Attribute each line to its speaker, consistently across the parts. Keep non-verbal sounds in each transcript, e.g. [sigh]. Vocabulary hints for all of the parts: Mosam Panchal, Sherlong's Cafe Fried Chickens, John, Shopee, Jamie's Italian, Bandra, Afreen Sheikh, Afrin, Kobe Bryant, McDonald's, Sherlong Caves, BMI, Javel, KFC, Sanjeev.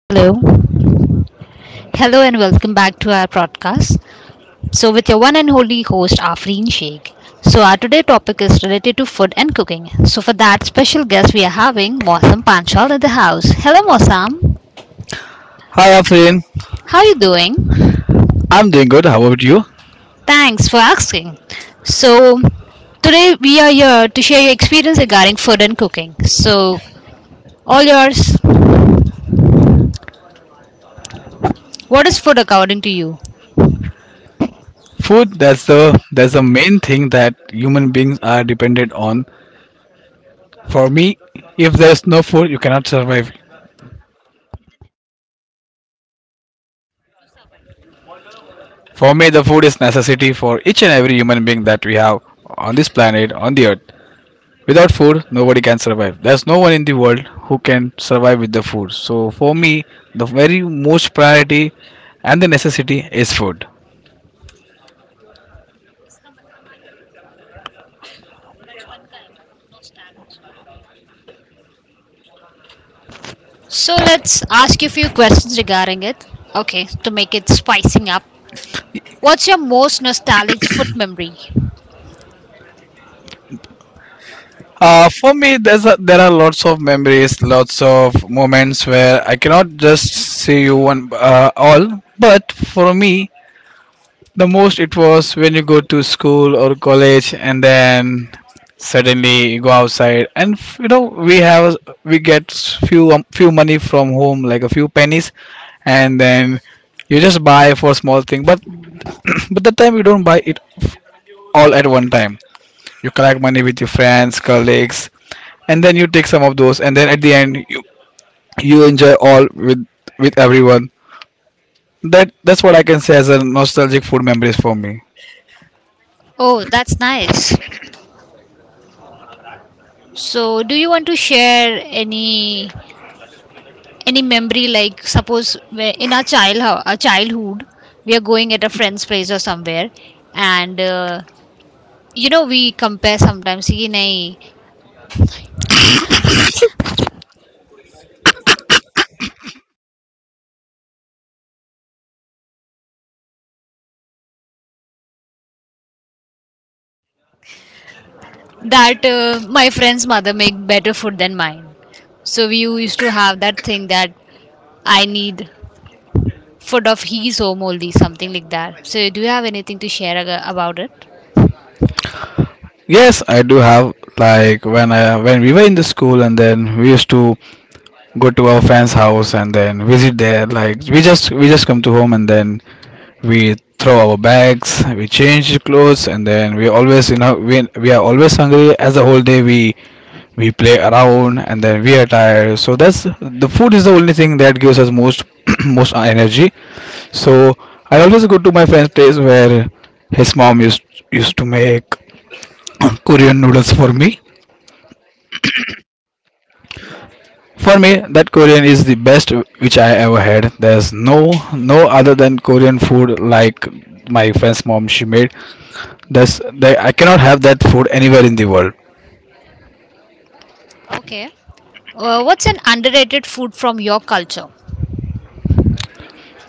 Speaker 1: Hello. Hello and welcome back to our podcast. So with your one and only host Afreen Sheikh. So our today topic is related to food and cooking. So for that special guest we are having Mosam Panchal in the house. Hello Mosam.
Speaker 2: Hi Afrin,
Speaker 1: How are you doing?
Speaker 2: I'm doing good. How about you?
Speaker 1: Thanks for asking. So today we are here to share your experience regarding food and cooking. So all yours. What is food according to you?
Speaker 2: Food, that's the main thing that human beings are dependent on. For me, if there's no food, you cannot survive. For me, the food is necessity for each and every human being that we have on this planet, on the earth. Without food, nobody can survive. There's no one in the world who can survive with the food. So for me, the very most priority and the necessity is food.
Speaker 1: So let's ask you a few questions regarding it. Okay, to make it spicing up. What's your most nostalgic food memory?
Speaker 2: For me, there are lots of memories, lots of moments where I cannot just say you one all. But for me, the most it was when you go to school or college, and then suddenly you go outside, and you know we have we get few few money from home, like a few pennies, and then you just buy for small thing. But that time you don't buy it all at one time. You collect money with your friends, colleagues, and then you take some of those, and then at the end you enjoy all with everyone. That's what I can say as a nostalgic food memories for me.
Speaker 1: Oh, that's nice. So, do you want to share any any memory like suppose in our childhood, we are going at a friend's place or somewhere, and you know we compare sometimes. "Ye nahi, that my friend's mother make better food than mine. So we used to have that thing that I need food of his home only, something like that. So do you have anything to share about it?
Speaker 2: Yes, I do have, like, when I when we were in the school and then we used to go to our friend's house and then visit there, like we just come to home. And then we throw our bags, we change clothes, and then we always we are always hungry as the whole day we play around, and then we are tired. So that's the food is the only thing that gives us most [clears throat] most energy. So I always go to my friend's place where his mom used to make [clears throat] Korean noodles for me. For me, that Korean is the best which I ever had. There's no other than Korean food. Like, my friend's mom, she made this, they- I cannot have that food anywhere in the world.
Speaker 1: Okay. What's an underrated food from your culture?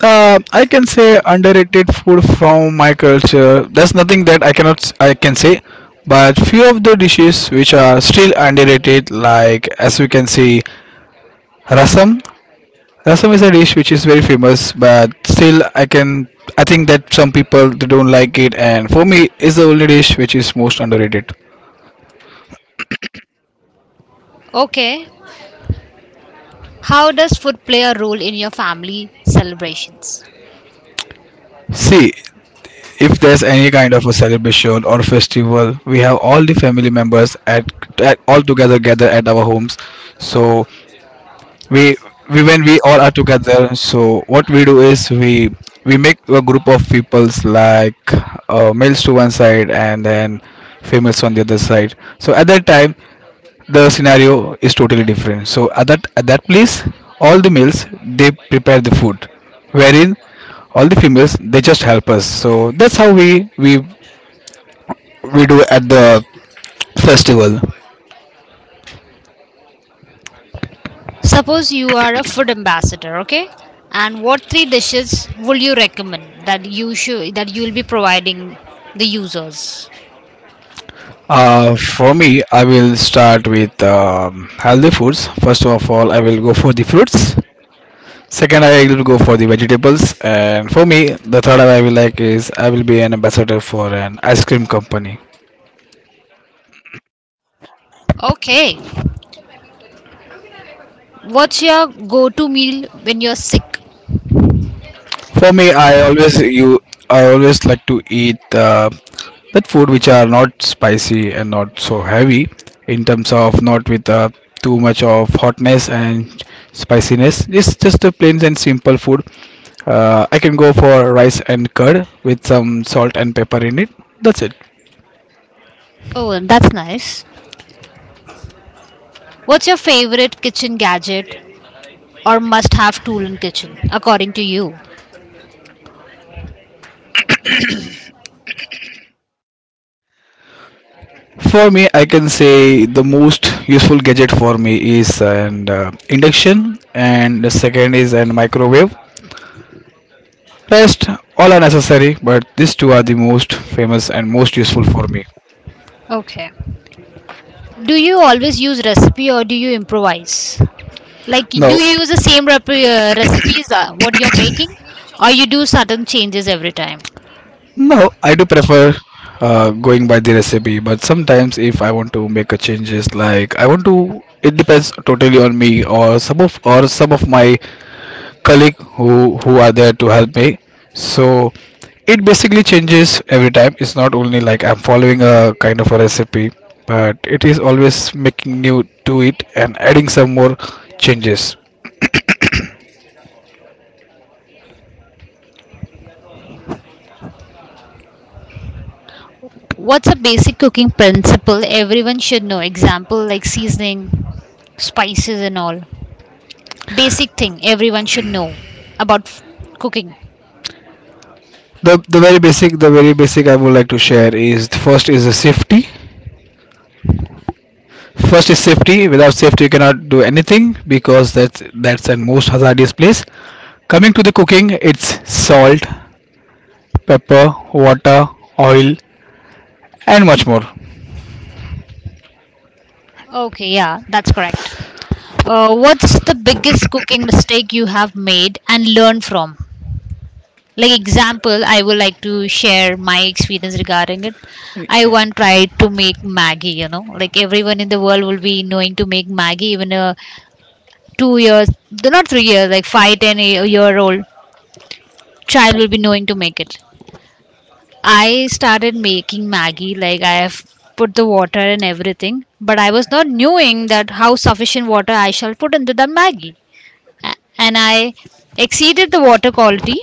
Speaker 2: I can say underrated food from my culture. There's nothing that I cannot I can say, but few of the dishes which are still underrated, like as we can see, rasam. Rasam is a dish which is very famous, but still I think that some people they don't like it, and for me, it's the only dish which is most underrated.
Speaker 1: Okay. How does food play a role in your family celebrations?
Speaker 2: See, if there's any kind of a celebration or festival, we have all the family members at all together gather at our homes. So we we when we all are together, so what we do is we make a group of peoples, like males to one side and then females on the other side. So at that time the scenario is totally different, so at that place all the males they prepare the food, wherein all the females they just help us. So that's how we do at the festival.
Speaker 1: Suppose you are a food ambassador, okay? And what three dishes would you recommend that you should that you will be providing the users?
Speaker 2: For me, I will start with healthy foods. First of all, I will go for the fruits. Second, I will go for the vegetables. And for me, the third I will like is I will be an ambassador for an ice cream company.
Speaker 1: Okay. What's your go-to meal when you're sick?
Speaker 2: For me, I always like to eat that food which are not spicy and not so heavy, in terms of not with too much of hotness and spiciness. It's just a plain and simple food. I can go for rice and curd with some salt and pepper in it. That's it.
Speaker 1: Oh, that's nice. What's your favorite kitchen gadget or must-have tool in kitchen according to you?
Speaker 2: For me, I can say the most useful gadget for me is an induction, and the second is an microwave. Rest all are necessary, but these two are the most famous and most useful for me.
Speaker 1: Okay. Do you always use recipe or do you improvise? Like, do
Speaker 2: No,
Speaker 1: you use the same recipes what you're making, or you do certain changes every time?
Speaker 2: no, I do prefer going by the recipe, but sometimes if I want to make a changes, like I want to, it depends totally on me or some of my colleague who are there to help me. So it basically changes every time. It's not only like I'm following a kind of a recipe, but it is always making new to it and adding some more changes.
Speaker 1: What's a basic cooking principle everyone should know? Example like seasoning, spices, and all. Basic thing everyone should know about cooking.
Speaker 2: The very basic I would like to share is, first is the safety. First is safety. Without safety you cannot do anything, because that's the most hazardous place. Coming to the cooking, it's salt, pepper, water, oil, and much more.
Speaker 1: Okay, yeah, that's correct. What's the biggest cooking mistake you have made and learned from? Like, example, I would like to share my experience regarding it. I once tried to make maggie, you know, like everyone in the world will be knowing to make maggie. Even a 2 years, not 3 years, like 5, 10 year old child will be knowing to make it. I started making maggie, like I have put the water and everything, but I was not knowing that how sufficient water I shall put into the maggie. And I exceeded the water quality,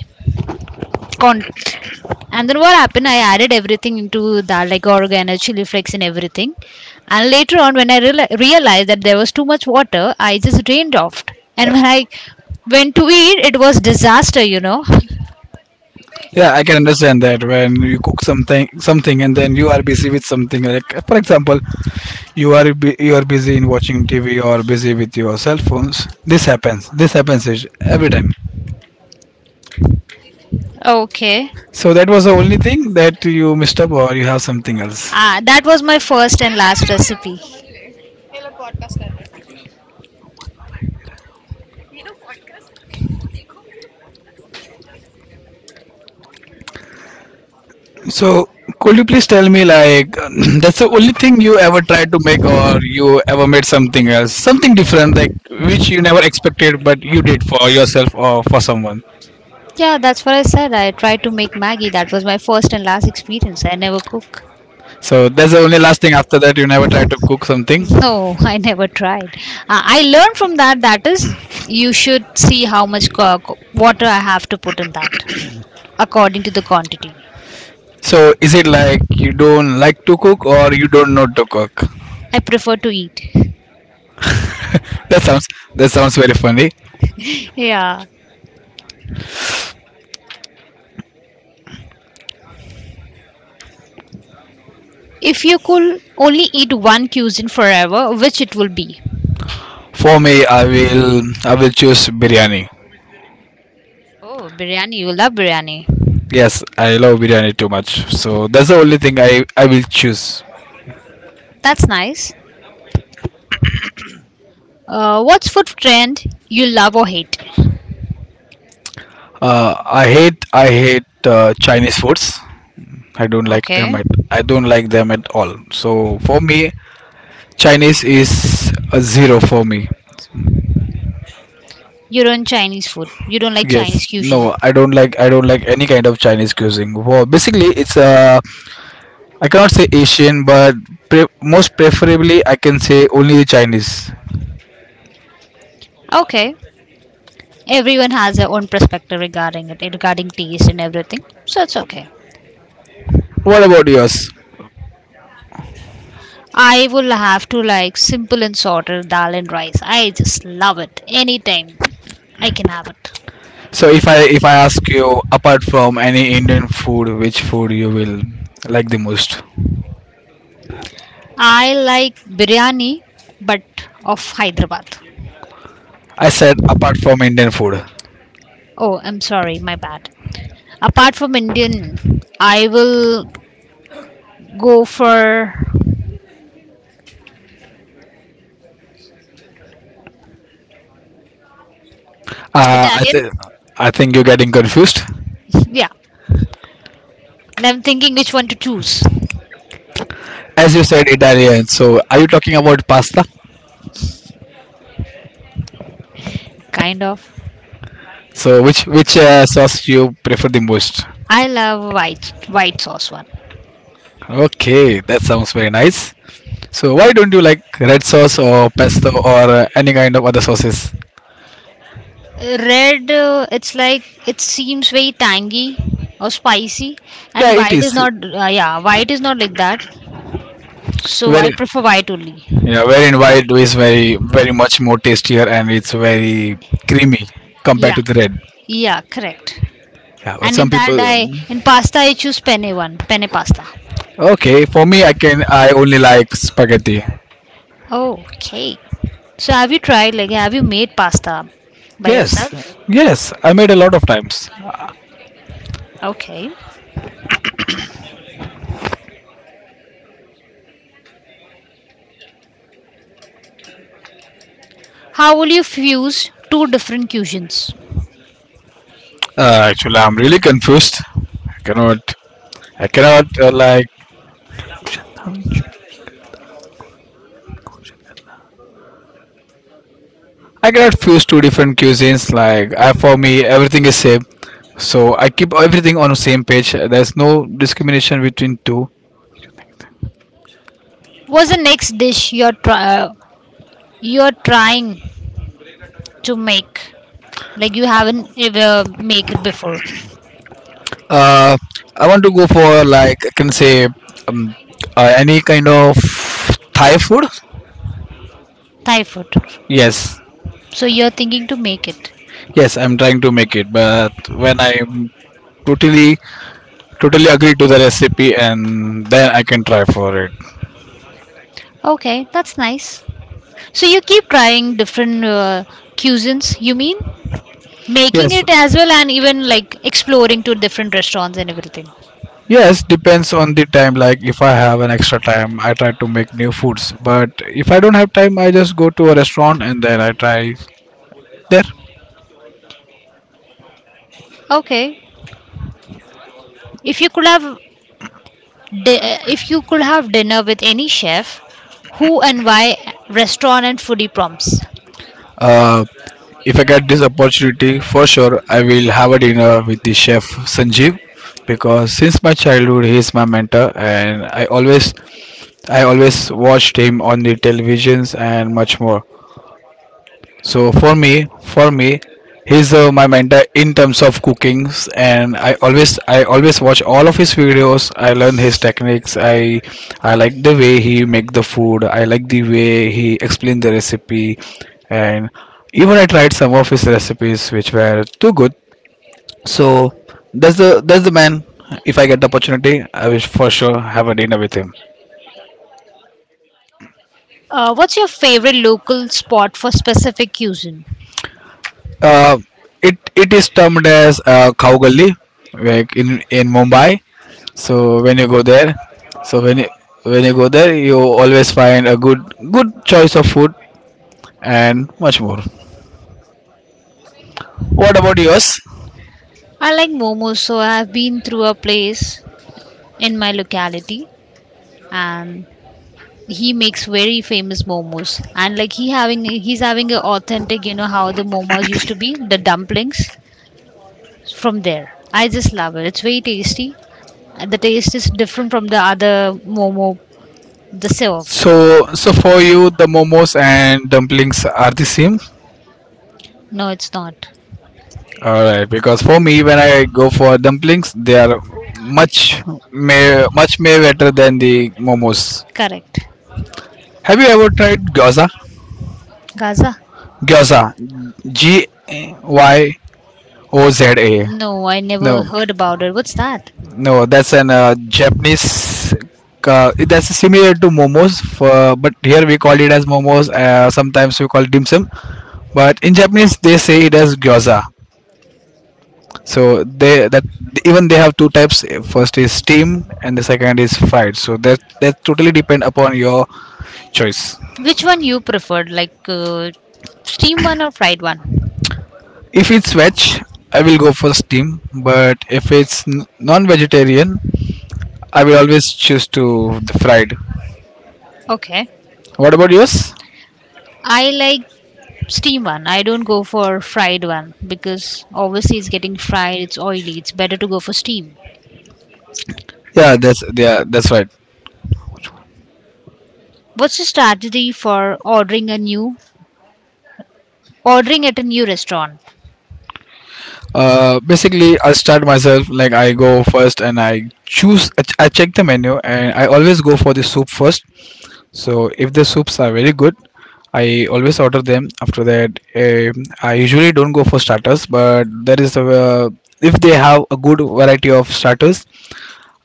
Speaker 1: corn, and then what happened, I added everything into that, like oregano, chili flakes, and everything. And later on, when I realized that there was too much water, I just drained off. And yeah, when I went to eat, it was disaster, you know.
Speaker 2: Yeah, I can understand that when you cook something and then you are busy with something, like for example you are busy in watching TV or busy with your cell phones. Every time.
Speaker 1: [laughs] Okay.
Speaker 2: So that was the only thing that you missed up, or you have something else?
Speaker 1: Ah, that was my first and last recipe.
Speaker 2: So could you please tell me, like, [clears throat] that's the only thing you ever tried to make, or you ever made something else, something different, like which you never expected, but you did for yourself or for someone?
Speaker 1: Yeah, that's what I said, I tried to make maggie. That was my first and last experience. I never cook.
Speaker 2: So that's the only last thing. After that, you never
Speaker 1: Never tried
Speaker 2: tried to
Speaker 1: to cook
Speaker 2: cook something?
Speaker 1: something. No, [laughs] I never tried. I learned from that. That is, you should see how much water I have to put in that according to the quantity.
Speaker 2: So is it like you don't like to cook, or you don't know to cook?
Speaker 1: I prefer to eat.
Speaker 2: That sounds that sounds very funny.
Speaker 1: [laughs] Yeah. If you could only eat one cuisine forever, which it will be?
Speaker 2: For me, I will choose biryani.
Speaker 1: Oh, biryani. You love biryani.
Speaker 2: Yes, I love biryani too much. So that's the only thing I will choose.
Speaker 1: That's nice. What's food trend you love or hate?
Speaker 2: I hate Chinese foods. I don't like them
Speaker 1: Okay.
Speaker 2: at I don't like them at all. So for me, Chinese is a zero for me.
Speaker 1: You don't Chinese food. You don't like
Speaker 2: Yes,
Speaker 1: Chinese fusion.
Speaker 2: no, I don't like any kind of Chinese cuisine. Well, basically, it's I cannot say Asian, but most preferably I can say only the Chinese.
Speaker 1: Okay. Everyone has their own perspective regarding it, regarding taste and everything, so it's okay.
Speaker 2: What about yours?
Speaker 1: I will have to like simple and sorted dal and rice. I just love it, anytime I can have it.
Speaker 2: So if I ask you apart from any Indian food, which food you will like the most?
Speaker 1: I like biryani, but of Hyderabad.
Speaker 2: I said apart from Indian food.
Speaker 1: Oh, I'm sorry, my bad. Apart from Indian, I will go for
Speaker 2: Uh, I
Speaker 1: Italian.
Speaker 2: th- I think you're getting confused.
Speaker 1: Yeah, and I'm thinking which one to choose.
Speaker 2: As you said Italian, so are you talking about pasta?
Speaker 1: Kind of.
Speaker 2: So which sauce you prefer the most?
Speaker 1: I love white white sauce one.
Speaker 2: Okay, that sounds very nice. So why don't you like red sauce or pesto or any kind of other sauces?
Speaker 1: Red, it's like it seems very tangy or spicy,
Speaker 2: Yeah,
Speaker 1: and
Speaker 2: it
Speaker 1: white is
Speaker 2: is
Speaker 1: not. Yeah, white is not like that. So I
Speaker 2: very.
Speaker 1: prefer white only.
Speaker 2: Yeah, wherein white is very, very much more tastier, and it's very creamy compared
Speaker 1: Yeah,
Speaker 2: to the red.
Speaker 1: yeah, correct.
Speaker 2: Yeah, but
Speaker 1: And in
Speaker 2: some
Speaker 1: that,
Speaker 2: people.
Speaker 1: I in pasta I choose penne one, penne pasta.
Speaker 2: Okay, for me, I can. I only like spaghetti.
Speaker 1: Okay. So have you tried like have you made pasta by
Speaker 2: Yes,
Speaker 1: yourself?
Speaker 2: yes, I made a lot of times.
Speaker 1: Okay. How will you fuse two different cuisines?
Speaker 2: Actually, I'm really confused. I cannot. I cannot like. I cannot fuse two different cuisines. Like for me, everything is same. So I keep everything on the same page. There's no discrimination between two.
Speaker 1: What's the next dish you're you're trying to make, like you haven't ever make it before?
Speaker 2: Uh, I want to go for, like I can say, um, any kind of Thai food.
Speaker 1: Thai food.
Speaker 2: Yes,
Speaker 1: So you're thinking to make it.
Speaker 2: yes, I'm trying to make it, but when I'm totally totally agree to the recipe, and then I can try for it.
Speaker 1: Okay, that's nice. So you keep trying different cuisines, you mean, making
Speaker 2: Yes,
Speaker 1: it as well and even like exploring to different restaurants and everything.
Speaker 2: yes, depends on the time. Like if I have an extra time, I try to make new foods. But if I don't have time, I just go to a restaurant and then I try there.
Speaker 1: Okay. If you could have if you could have dinner with any chef, who and why? Restaurant and foodie prompts.
Speaker 2: Uh, if I get this opportunity, for sure I will have a dinner with the chef Sanjeev, because since my childhood he is my mentor, and I always watched him on the televisions and much more. So for me, he's my mentor in terms of cookings, and I always watch all of his videos. I learn his techniques. I like the way he make the food. I like the way he explain the recipe, and even I tried some of his recipes which were too good. So that's the man. If I get the opportunity, I will for sure have a dinner with him.
Speaker 1: What's your favorite local spot for specific cuisine?
Speaker 2: Uh, it is termed as Khaugalli, like in Mumbai. So when you go there, so when you, when you go there, you always find a good choice of food and much more. What about yours?
Speaker 1: I like momos, so I have been through a place in my locality, and he makes very famous momos. And like he having, he's having an authentic, you know how the momos used to be, the dumplings from there. I just love it. It's very tasty. And the taste is different from the other momo, the serve.
Speaker 2: So for you, the momos and dumplings are the same?
Speaker 1: No, it's not.
Speaker 2: All right, because for me, when I go for dumplings, they are much much may better than the momos.
Speaker 1: Correct.
Speaker 2: Have you ever tried gyoza?
Speaker 1: Gaza.
Speaker 2: Gyoza, G Y O Z A.
Speaker 1: No, I
Speaker 2: No,
Speaker 1: never heard about it. What's that?
Speaker 2: no, that's an Japanese. That's similar to momos, but here we call it as momos. Sometimes we call dim sum, but in Japanese they say it as gyoza. So they that even they have two types. First is steam, and the second is fried. So that totally depend upon your choice.
Speaker 1: Which one you preferred, like steam one or fried one?
Speaker 2: If it's veg, I will go for steam, but if it's non-vegetarian, I will always choose to the fried.
Speaker 1: Okay,
Speaker 2: What about yours?
Speaker 1: I like steam one. I don't go for fried one because obviously it's getting fried, it's oily. It's better to go for steam.
Speaker 2: Yeah, that's right.
Speaker 1: What's the strategy for ordering at a new restaurant?
Speaker 2: Basically, I start myself, like I go first and I choose. I check the menu and I always go for the soup first. So if the soups are very good, I always order them. After that, I usually don't go for starters, but there is a if they have a good variety of starters,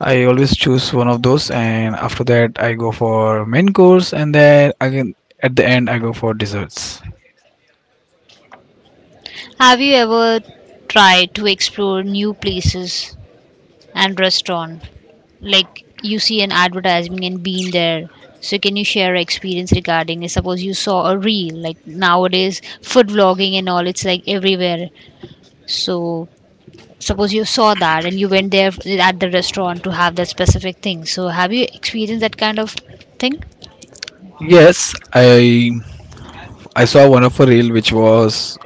Speaker 2: I always choose one of those. And after that, I go for main course, and then again at the end, I go for desserts.
Speaker 1: Have you ever tried to explore new places and restaurant, like you see an advertisement and been there, so can you share your experience regarding it? Suppose you saw a reel, like nowadays food vlogging and all, it's like everywhere. So suppose you saw that and you went there at the restaurant to have that specific thing, so have you experienced that kind of thing?
Speaker 2: Yes, I saw one of a reel which was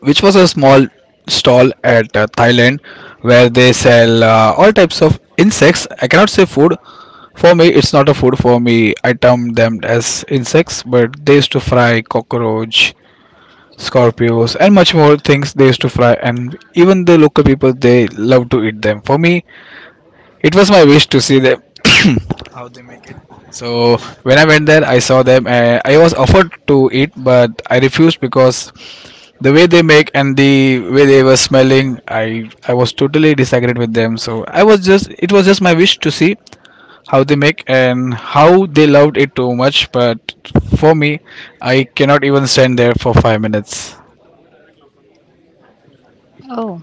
Speaker 2: a small stall at Thailand where they sell all types of insects. I cannot say food. For me, it's not a food. For me, I term them as insects, but they used to fry cockroach, scorpions, and much more things they used to fry. And even the local people, they love to eat them. For me, it was my wish to see them [coughs] how they make it. So when I went there, I saw them. And I was offered to eat, but I refused because the way they make and the way they were smelling, I was totally disagreed with them. So I was just it was just my wish to see how they make and how they loved it too much. But for me, I cannot even stand there for 5 minutes.
Speaker 1: Oh.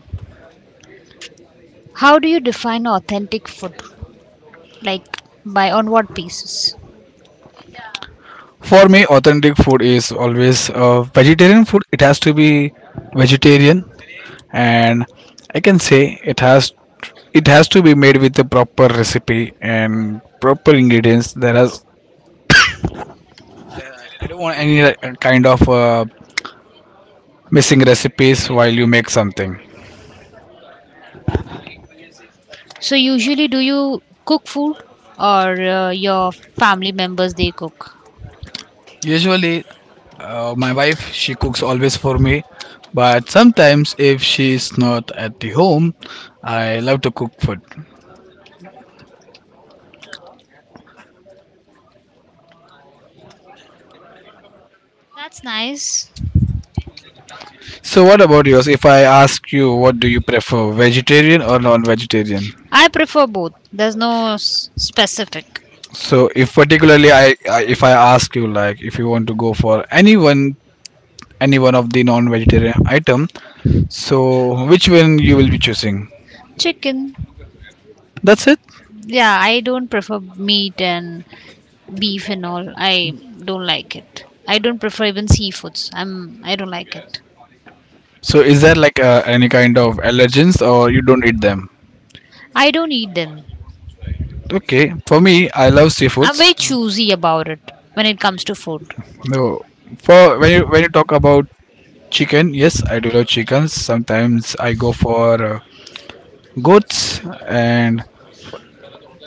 Speaker 1: How do you define authentic food, like by on what basis?
Speaker 2: For me, authentic food is always vegetarian food. It has to be vegetarian, and I can say it has to be made with a proper recipe and proper ingredients. There has I don't want any kind of missing recipes while you make something.
Speaker 1: So usually do you cook food or your family members they cook?
Speaker 2: Usually, my wife she cooks always for me, but sometimes if she is not at the home, I love to cook food.
Speaker 1: That's nice.
Speaker 2: So, what about yours? If I ask you, what do you prefer, vegetarian or non-vegetarian?
Speaker 1: I prefer both. There's no specific.
Speaker 2: So, if particularly I if I ask you like if you want to go for any one of the non-vegetarian item, so which one you will be choosing?
Speaker 1: Chicken.
Speaker 2: That's it.
Speaker 1: Yeah, I don't prefer meat and beef and all. I don't like it. I don't prefer even seafoods. I don't like it.
Speaker 2: So is there like any kind of allergens or you don't eat them?
Speaker 1: I don't eat them.
Speaker 2: Okay, for me, I love
Speaker 1: I'm
Speaker 2: seafoods.
Speaker 1: very choosy about it when it comes to food.
Speaker 2: No, for when you talk about chicken, yes, I do love chickens. Sometimes I go for goats, and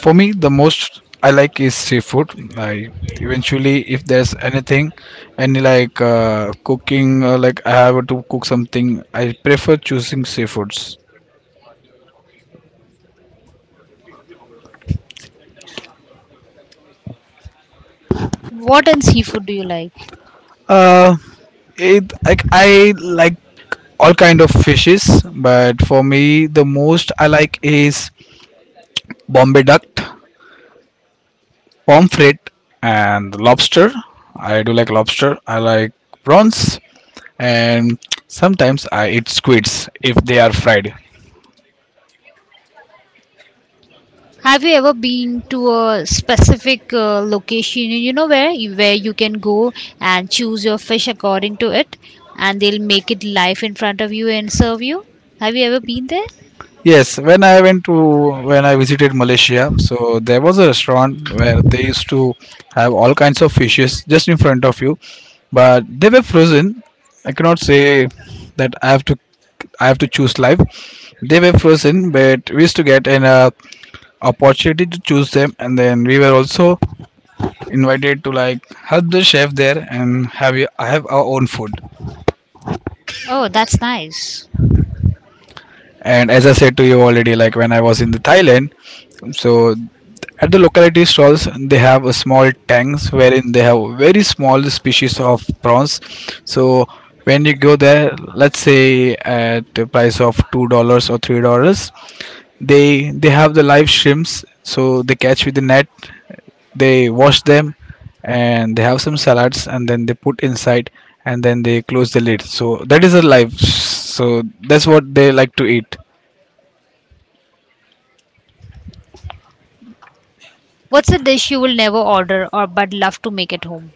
Speaker 2: for me, the most I like is seafood. I eventually, if there's anything, any like cooking, like I have to cook something, I prefer choosing seafoods.
Speaker 1: What in seafood do you like?
Speaker 2: Uh, it like I like all kind of fishes, but for me the most I like is Bombay duck, pomfret, and lobster. I do like lobster. I like prawns, and sometimes I eat squids if they are fried.
Speaker 1: Have you ever been to a specific location, you know, where you can go and choose your fish according to it, and they'll make it live in front of you and serve you? Have you ever been there?
Speaker 2: Yes, when I went to when I visited Malaysia, so there was a restaurant where they used to have all kinds of fishes just in front of you, but they were frozen. I cannot say that I have to choose live. They were frozen, but we used to get an opportunity to choose them, and then we were also invited to like help the chef there and have our own food.
Speaker 1: Oh, that's nice.
Speaker 2: And as I said to you already, like when I was in the Thailand, so at the locality stalls they have a small tanks wherein they have very small species of prawns. So when you go there, let's say at the price of $2 or $3, they have the live shrimps. So they catch with the net, they wash them, and they have some salads and then they put inside, and then they close the lid. So that is a life. So that's what they like to eat.
Speaker 1: What's a dish you will never order or but love to make at home?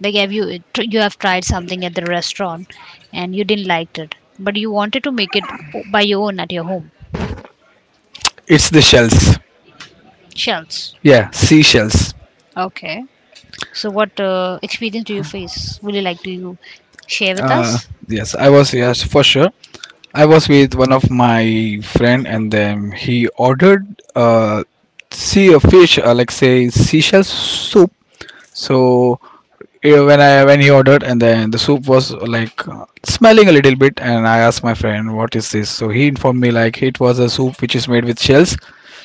Speaker 1: Like have you you have tried something at the restaurant and you didn't like it, but you wanted to make it by your own at your home?
Speaker 2: It's the shells.
Speaker 1: Shells.
Speaker 2: Yeah, seashells.
Speaker 1: Okay. So, what experience do you face? Would you like to you share with
Speaker 2: uh
Speaker 1: us?
Speaker 2: yes, I was, yes, for sure. I was with one of my friend and then he ordered, uh see a fish like say seashell soup. So yeah, when I when he ordered and then the soup was like smelling a little bit, and I asked my friend what is this. So he informed me like it was a soup which is made with shells,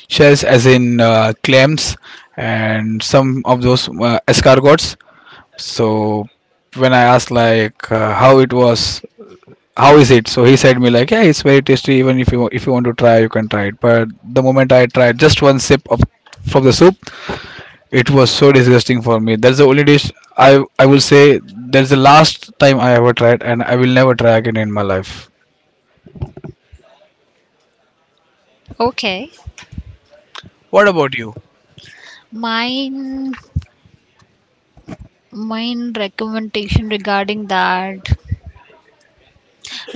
Speaker 2: shells as in clams and some of those escargots. So when I asked like how is it, so he said me like yeah, it's very tasty, even if you want to try, you can try it. But the moment I tried just one sip of from the soup, it was so disgusting for me. That's the only dish I will say that's the last time I ever tried, and I will never try again in my life.
Speaker 1: Okay,
Speaker 2: What about you?
Speaker 1: mine mine recommendation regarding that,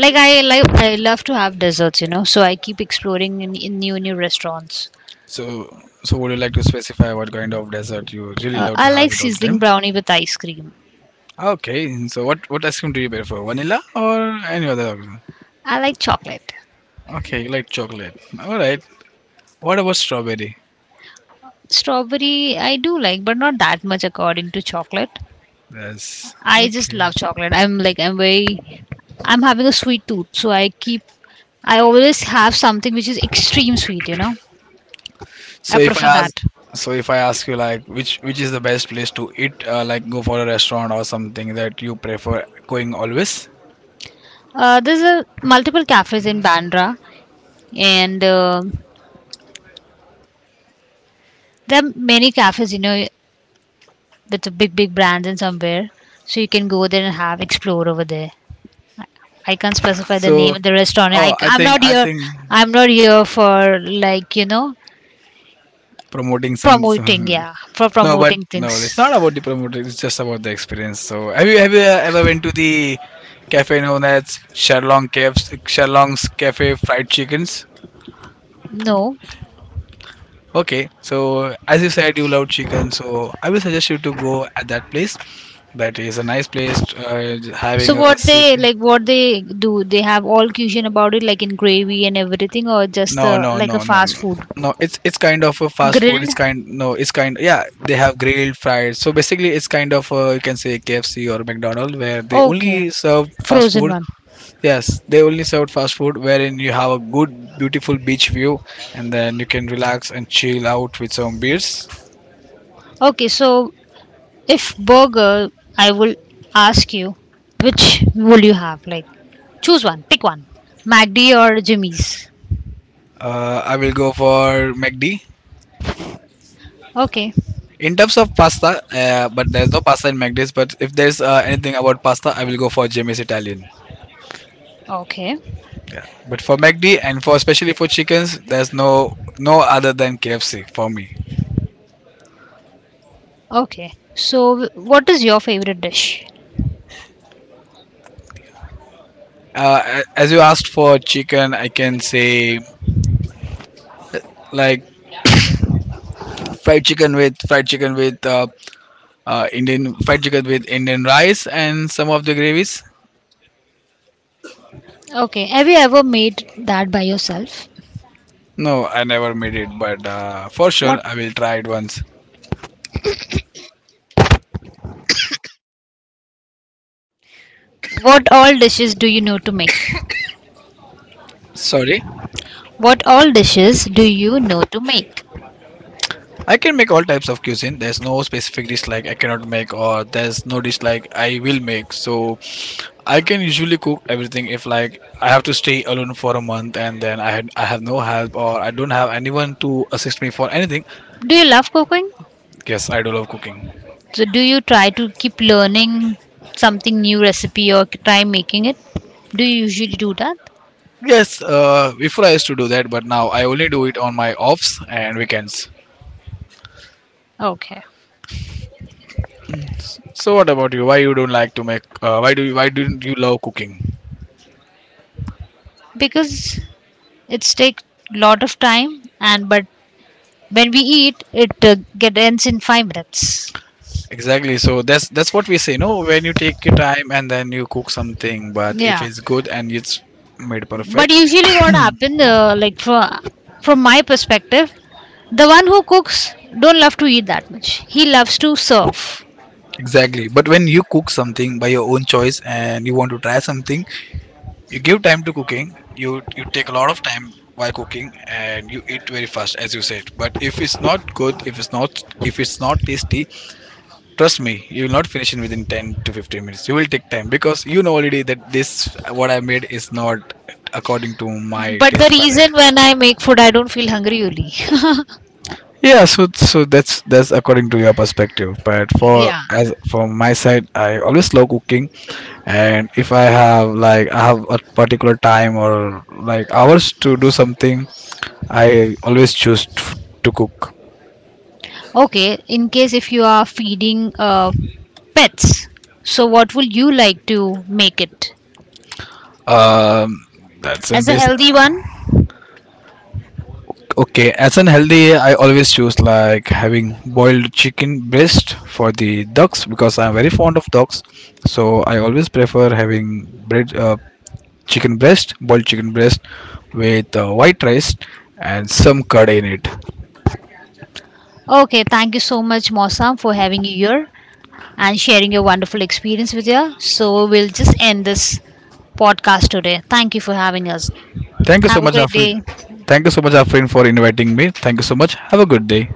Speaker 1: like I like I love to have desserts, you know, so I keep exploring in new new restaurants.
Speaker 2: So so would you like to specify what kind of dessert you really love to
Speaker 1: I
Speaker 2: have
Speaker 1: like
Speaker 2: it all the
Speaker 1: sizzling
Speaker 2: time?
Speaker 1: brownie with ice cream.
Speaker 2: Okay, so what ice cream do you prefer, vanilla or any other?
Speaker 1: I like chocolate.
Speaker 2: Okay, you like chocolate. All right. What about strawberry?
Speaker 1: Strawberry I do like but not that much according to chocolate.
Speaker 2: Yes.
Speaker 1: I just
Speaker 2: Okay.
Speaker 1: love chocolate. I'm very. I'm having a sweet tooth, so I keep I always have something which is extreme sweet, you know.
Speaker 2: So
Speaker 1: I
Speaker 2: if I
Speaker 1: prefer
Speaker 2: ask,
Speaker 1: that.
Speaker 2: so if I ask you like which is the best place to eat, like go for a restaurant or something that you prefer going always.
Speaker 1: There's a multiple cafes in Bandra, and there are many cafes, you know, with a big big brands in somewhere, so you can go there and have explore over there. I can't specify the
Speaker 2: So
Speaker 1: name of the restaurant.
Speaker 2: oh, I
Speaker 1: I'm
Speaker 2: think
Speaker 1: not
Speaker 2: I
Speaker 1: here.
Speaker 2: think
Speaker 1: I'm not here for like you know
Speaker 2: promoting some,
Speaker 1: promoting,
Speaker 2: some
Speaker 1: yeah, for
Speaker 2: [laughs] no, but
Speaker 1: promoting things.
Speaker 2: no, it's not about the promoting. It's just about the experience. So have you ever went to the cafe known as Sherlong Caves, Sherlong's Cafe Fried Chickens?
Speaker 1: No.
Speaker 2: Okay, so as you said, you love chicken, so I will suggest you to go at that place. That is a nice place,
Speaker 1: So
Speaker 2: having a
Speaker 1: what they
Speaker 2: seafood.
Speaker 1: like what they do, they have all cuisine about it, like in gravy and everything, or just
Speaker 2: No, no,
Speaker 1: like a
Speaker 2: no, no,
Speaker 1: fast
Speaker 2: no,
Speaker 1: food?
Speaker 2: no. It's kind of a fast food. It's
Speaker 1: Grilled.
Speaker 2: kind, no, it's kind, yeah. They have grilled, fried. So basically, it's kind of you can say KFC or McDonald's where they
Speaker 1: Okay,
Speaker 2: only
Speaker 1: they
Speaker 2: serve fast
Speaker 1: frozen
Speaker 2: food.
Speaker 1: one.
Speaker 2: Yes, they only serve fast food wherein you have a good, beautiful beach view, and then you can relax and chill out with some beers.
Speaker 1: Okay, so if burger, I will ask you, which will you have? Like, choose one, pick one. MacD or Jimmy's?
Speaker 2: I will go for McD.
Speaker 1: Okay,
Speaker 2: In terms of pasta, but there's no pasta in McD's. But if there's anything about pasta, I will go for Jamie's Italian.
Speaker 1: okay,
Speaker 2: Yeah. But for McD and for especially for chickens, there's no other than KFC for me.
Speaker 1: okay. So, what is your favorite dish?
Speaker 2: As you asked for chicken, I can say like fried chicken with Indian fried chicken with Indian rice and some of the gravies.
Speaker 1: Okay, have you ever made that by yourself?
Speaker 2: No, I never made it, but for
Speaker 1: What?
Speaker 2: sure I will try it once.
Speaker 1: What all dishes do you know to make?
Speaker 2: Sorry.
Speaker 1: What all dishes do you know to make?
Speaker 2: I can make all types of cuisine. There's no specific dish like I cannot make, or there's no dish like I will make. So I can usually cook everything. If like I have to stay alone for a month, and then I have no help or I don't have anyone to assist me for anything,
Speaker 1: Do you love cooking?
Speaker 2: yes, I do love cooking.
Speaker 1: So do you try to keep learning something new recipe or try making it? Do you usually do that?
Speaker 2: Yes, before I used to do that, but now I only do it on my offs and weekends.
Speaker 1: Okay.
Speaker 2: So what about you? Why you don't like to make? Why didn't you love cooking?
Speaker 1: Because it's take lot of time, and but when we eat it get ends in 5 minutes.
Speaker 2: Exactly. So that's what we say, no? When you take your time and then you cook something, but if
Speaker 1: Yeah.
Speaker 2: it's good and it's made
Speaker 1: But
Speaker 2: perfect,
Speaker 1: usually what happen, like from my perspective, the one who cooks don't love to eat that much, he loves to serve.
Speaker 2: exactly. But when you cook something by your own choice and you want to try something, you give time to cooking. You take a lot of time while cooking and you eat very fast, as you said. But if it's not good, if it's not tasty, trust me, you will not finish it within 10 to 15 minutes. You will take time because you know already that this what I made is not according to my
Speaker 1: But the
Speaker 2: taste palette.
Speaker 1: reason, when I make food I don't feel hungry only. [laughs]
Speaker 2: Yeah, so that's according to your perspective, but for
Speaker 1: Yeah.
Speaker 2: as from my side, I always love cooking. And if I have, like, I have a particular time or like hours to do something, I always choose to cook.
Speaker 1: Okay, in case if you are feeding pets, so what would you like to make it
Speaker 2: um that's and
Speaker 1: as a
Speaker 2: base.
Speaker 1: healthy one?
Speaker 2: Okay, as an healthy, I always choose like having boiled chicken breast for the ducks, because I'm very fond of ducks. So I always prefer having bread chicken breast, boiled chicken breast with white rice and some curd in it.
Speaker 1: Okay, thank you so much Mosam for having you here and sharing your wonderful experience with you. So we'll just end this podcast today. Thank you for having us.
Speaker 2: Thank you so
Speaker 1: Have a
Speaker 2: much,
Speaker 1: great
Speaker 2: Afrin.
Speaker 1: day.
Speaker 2: Thank you so much, Afrin, for inviting me. Thank you so much. Have a good day.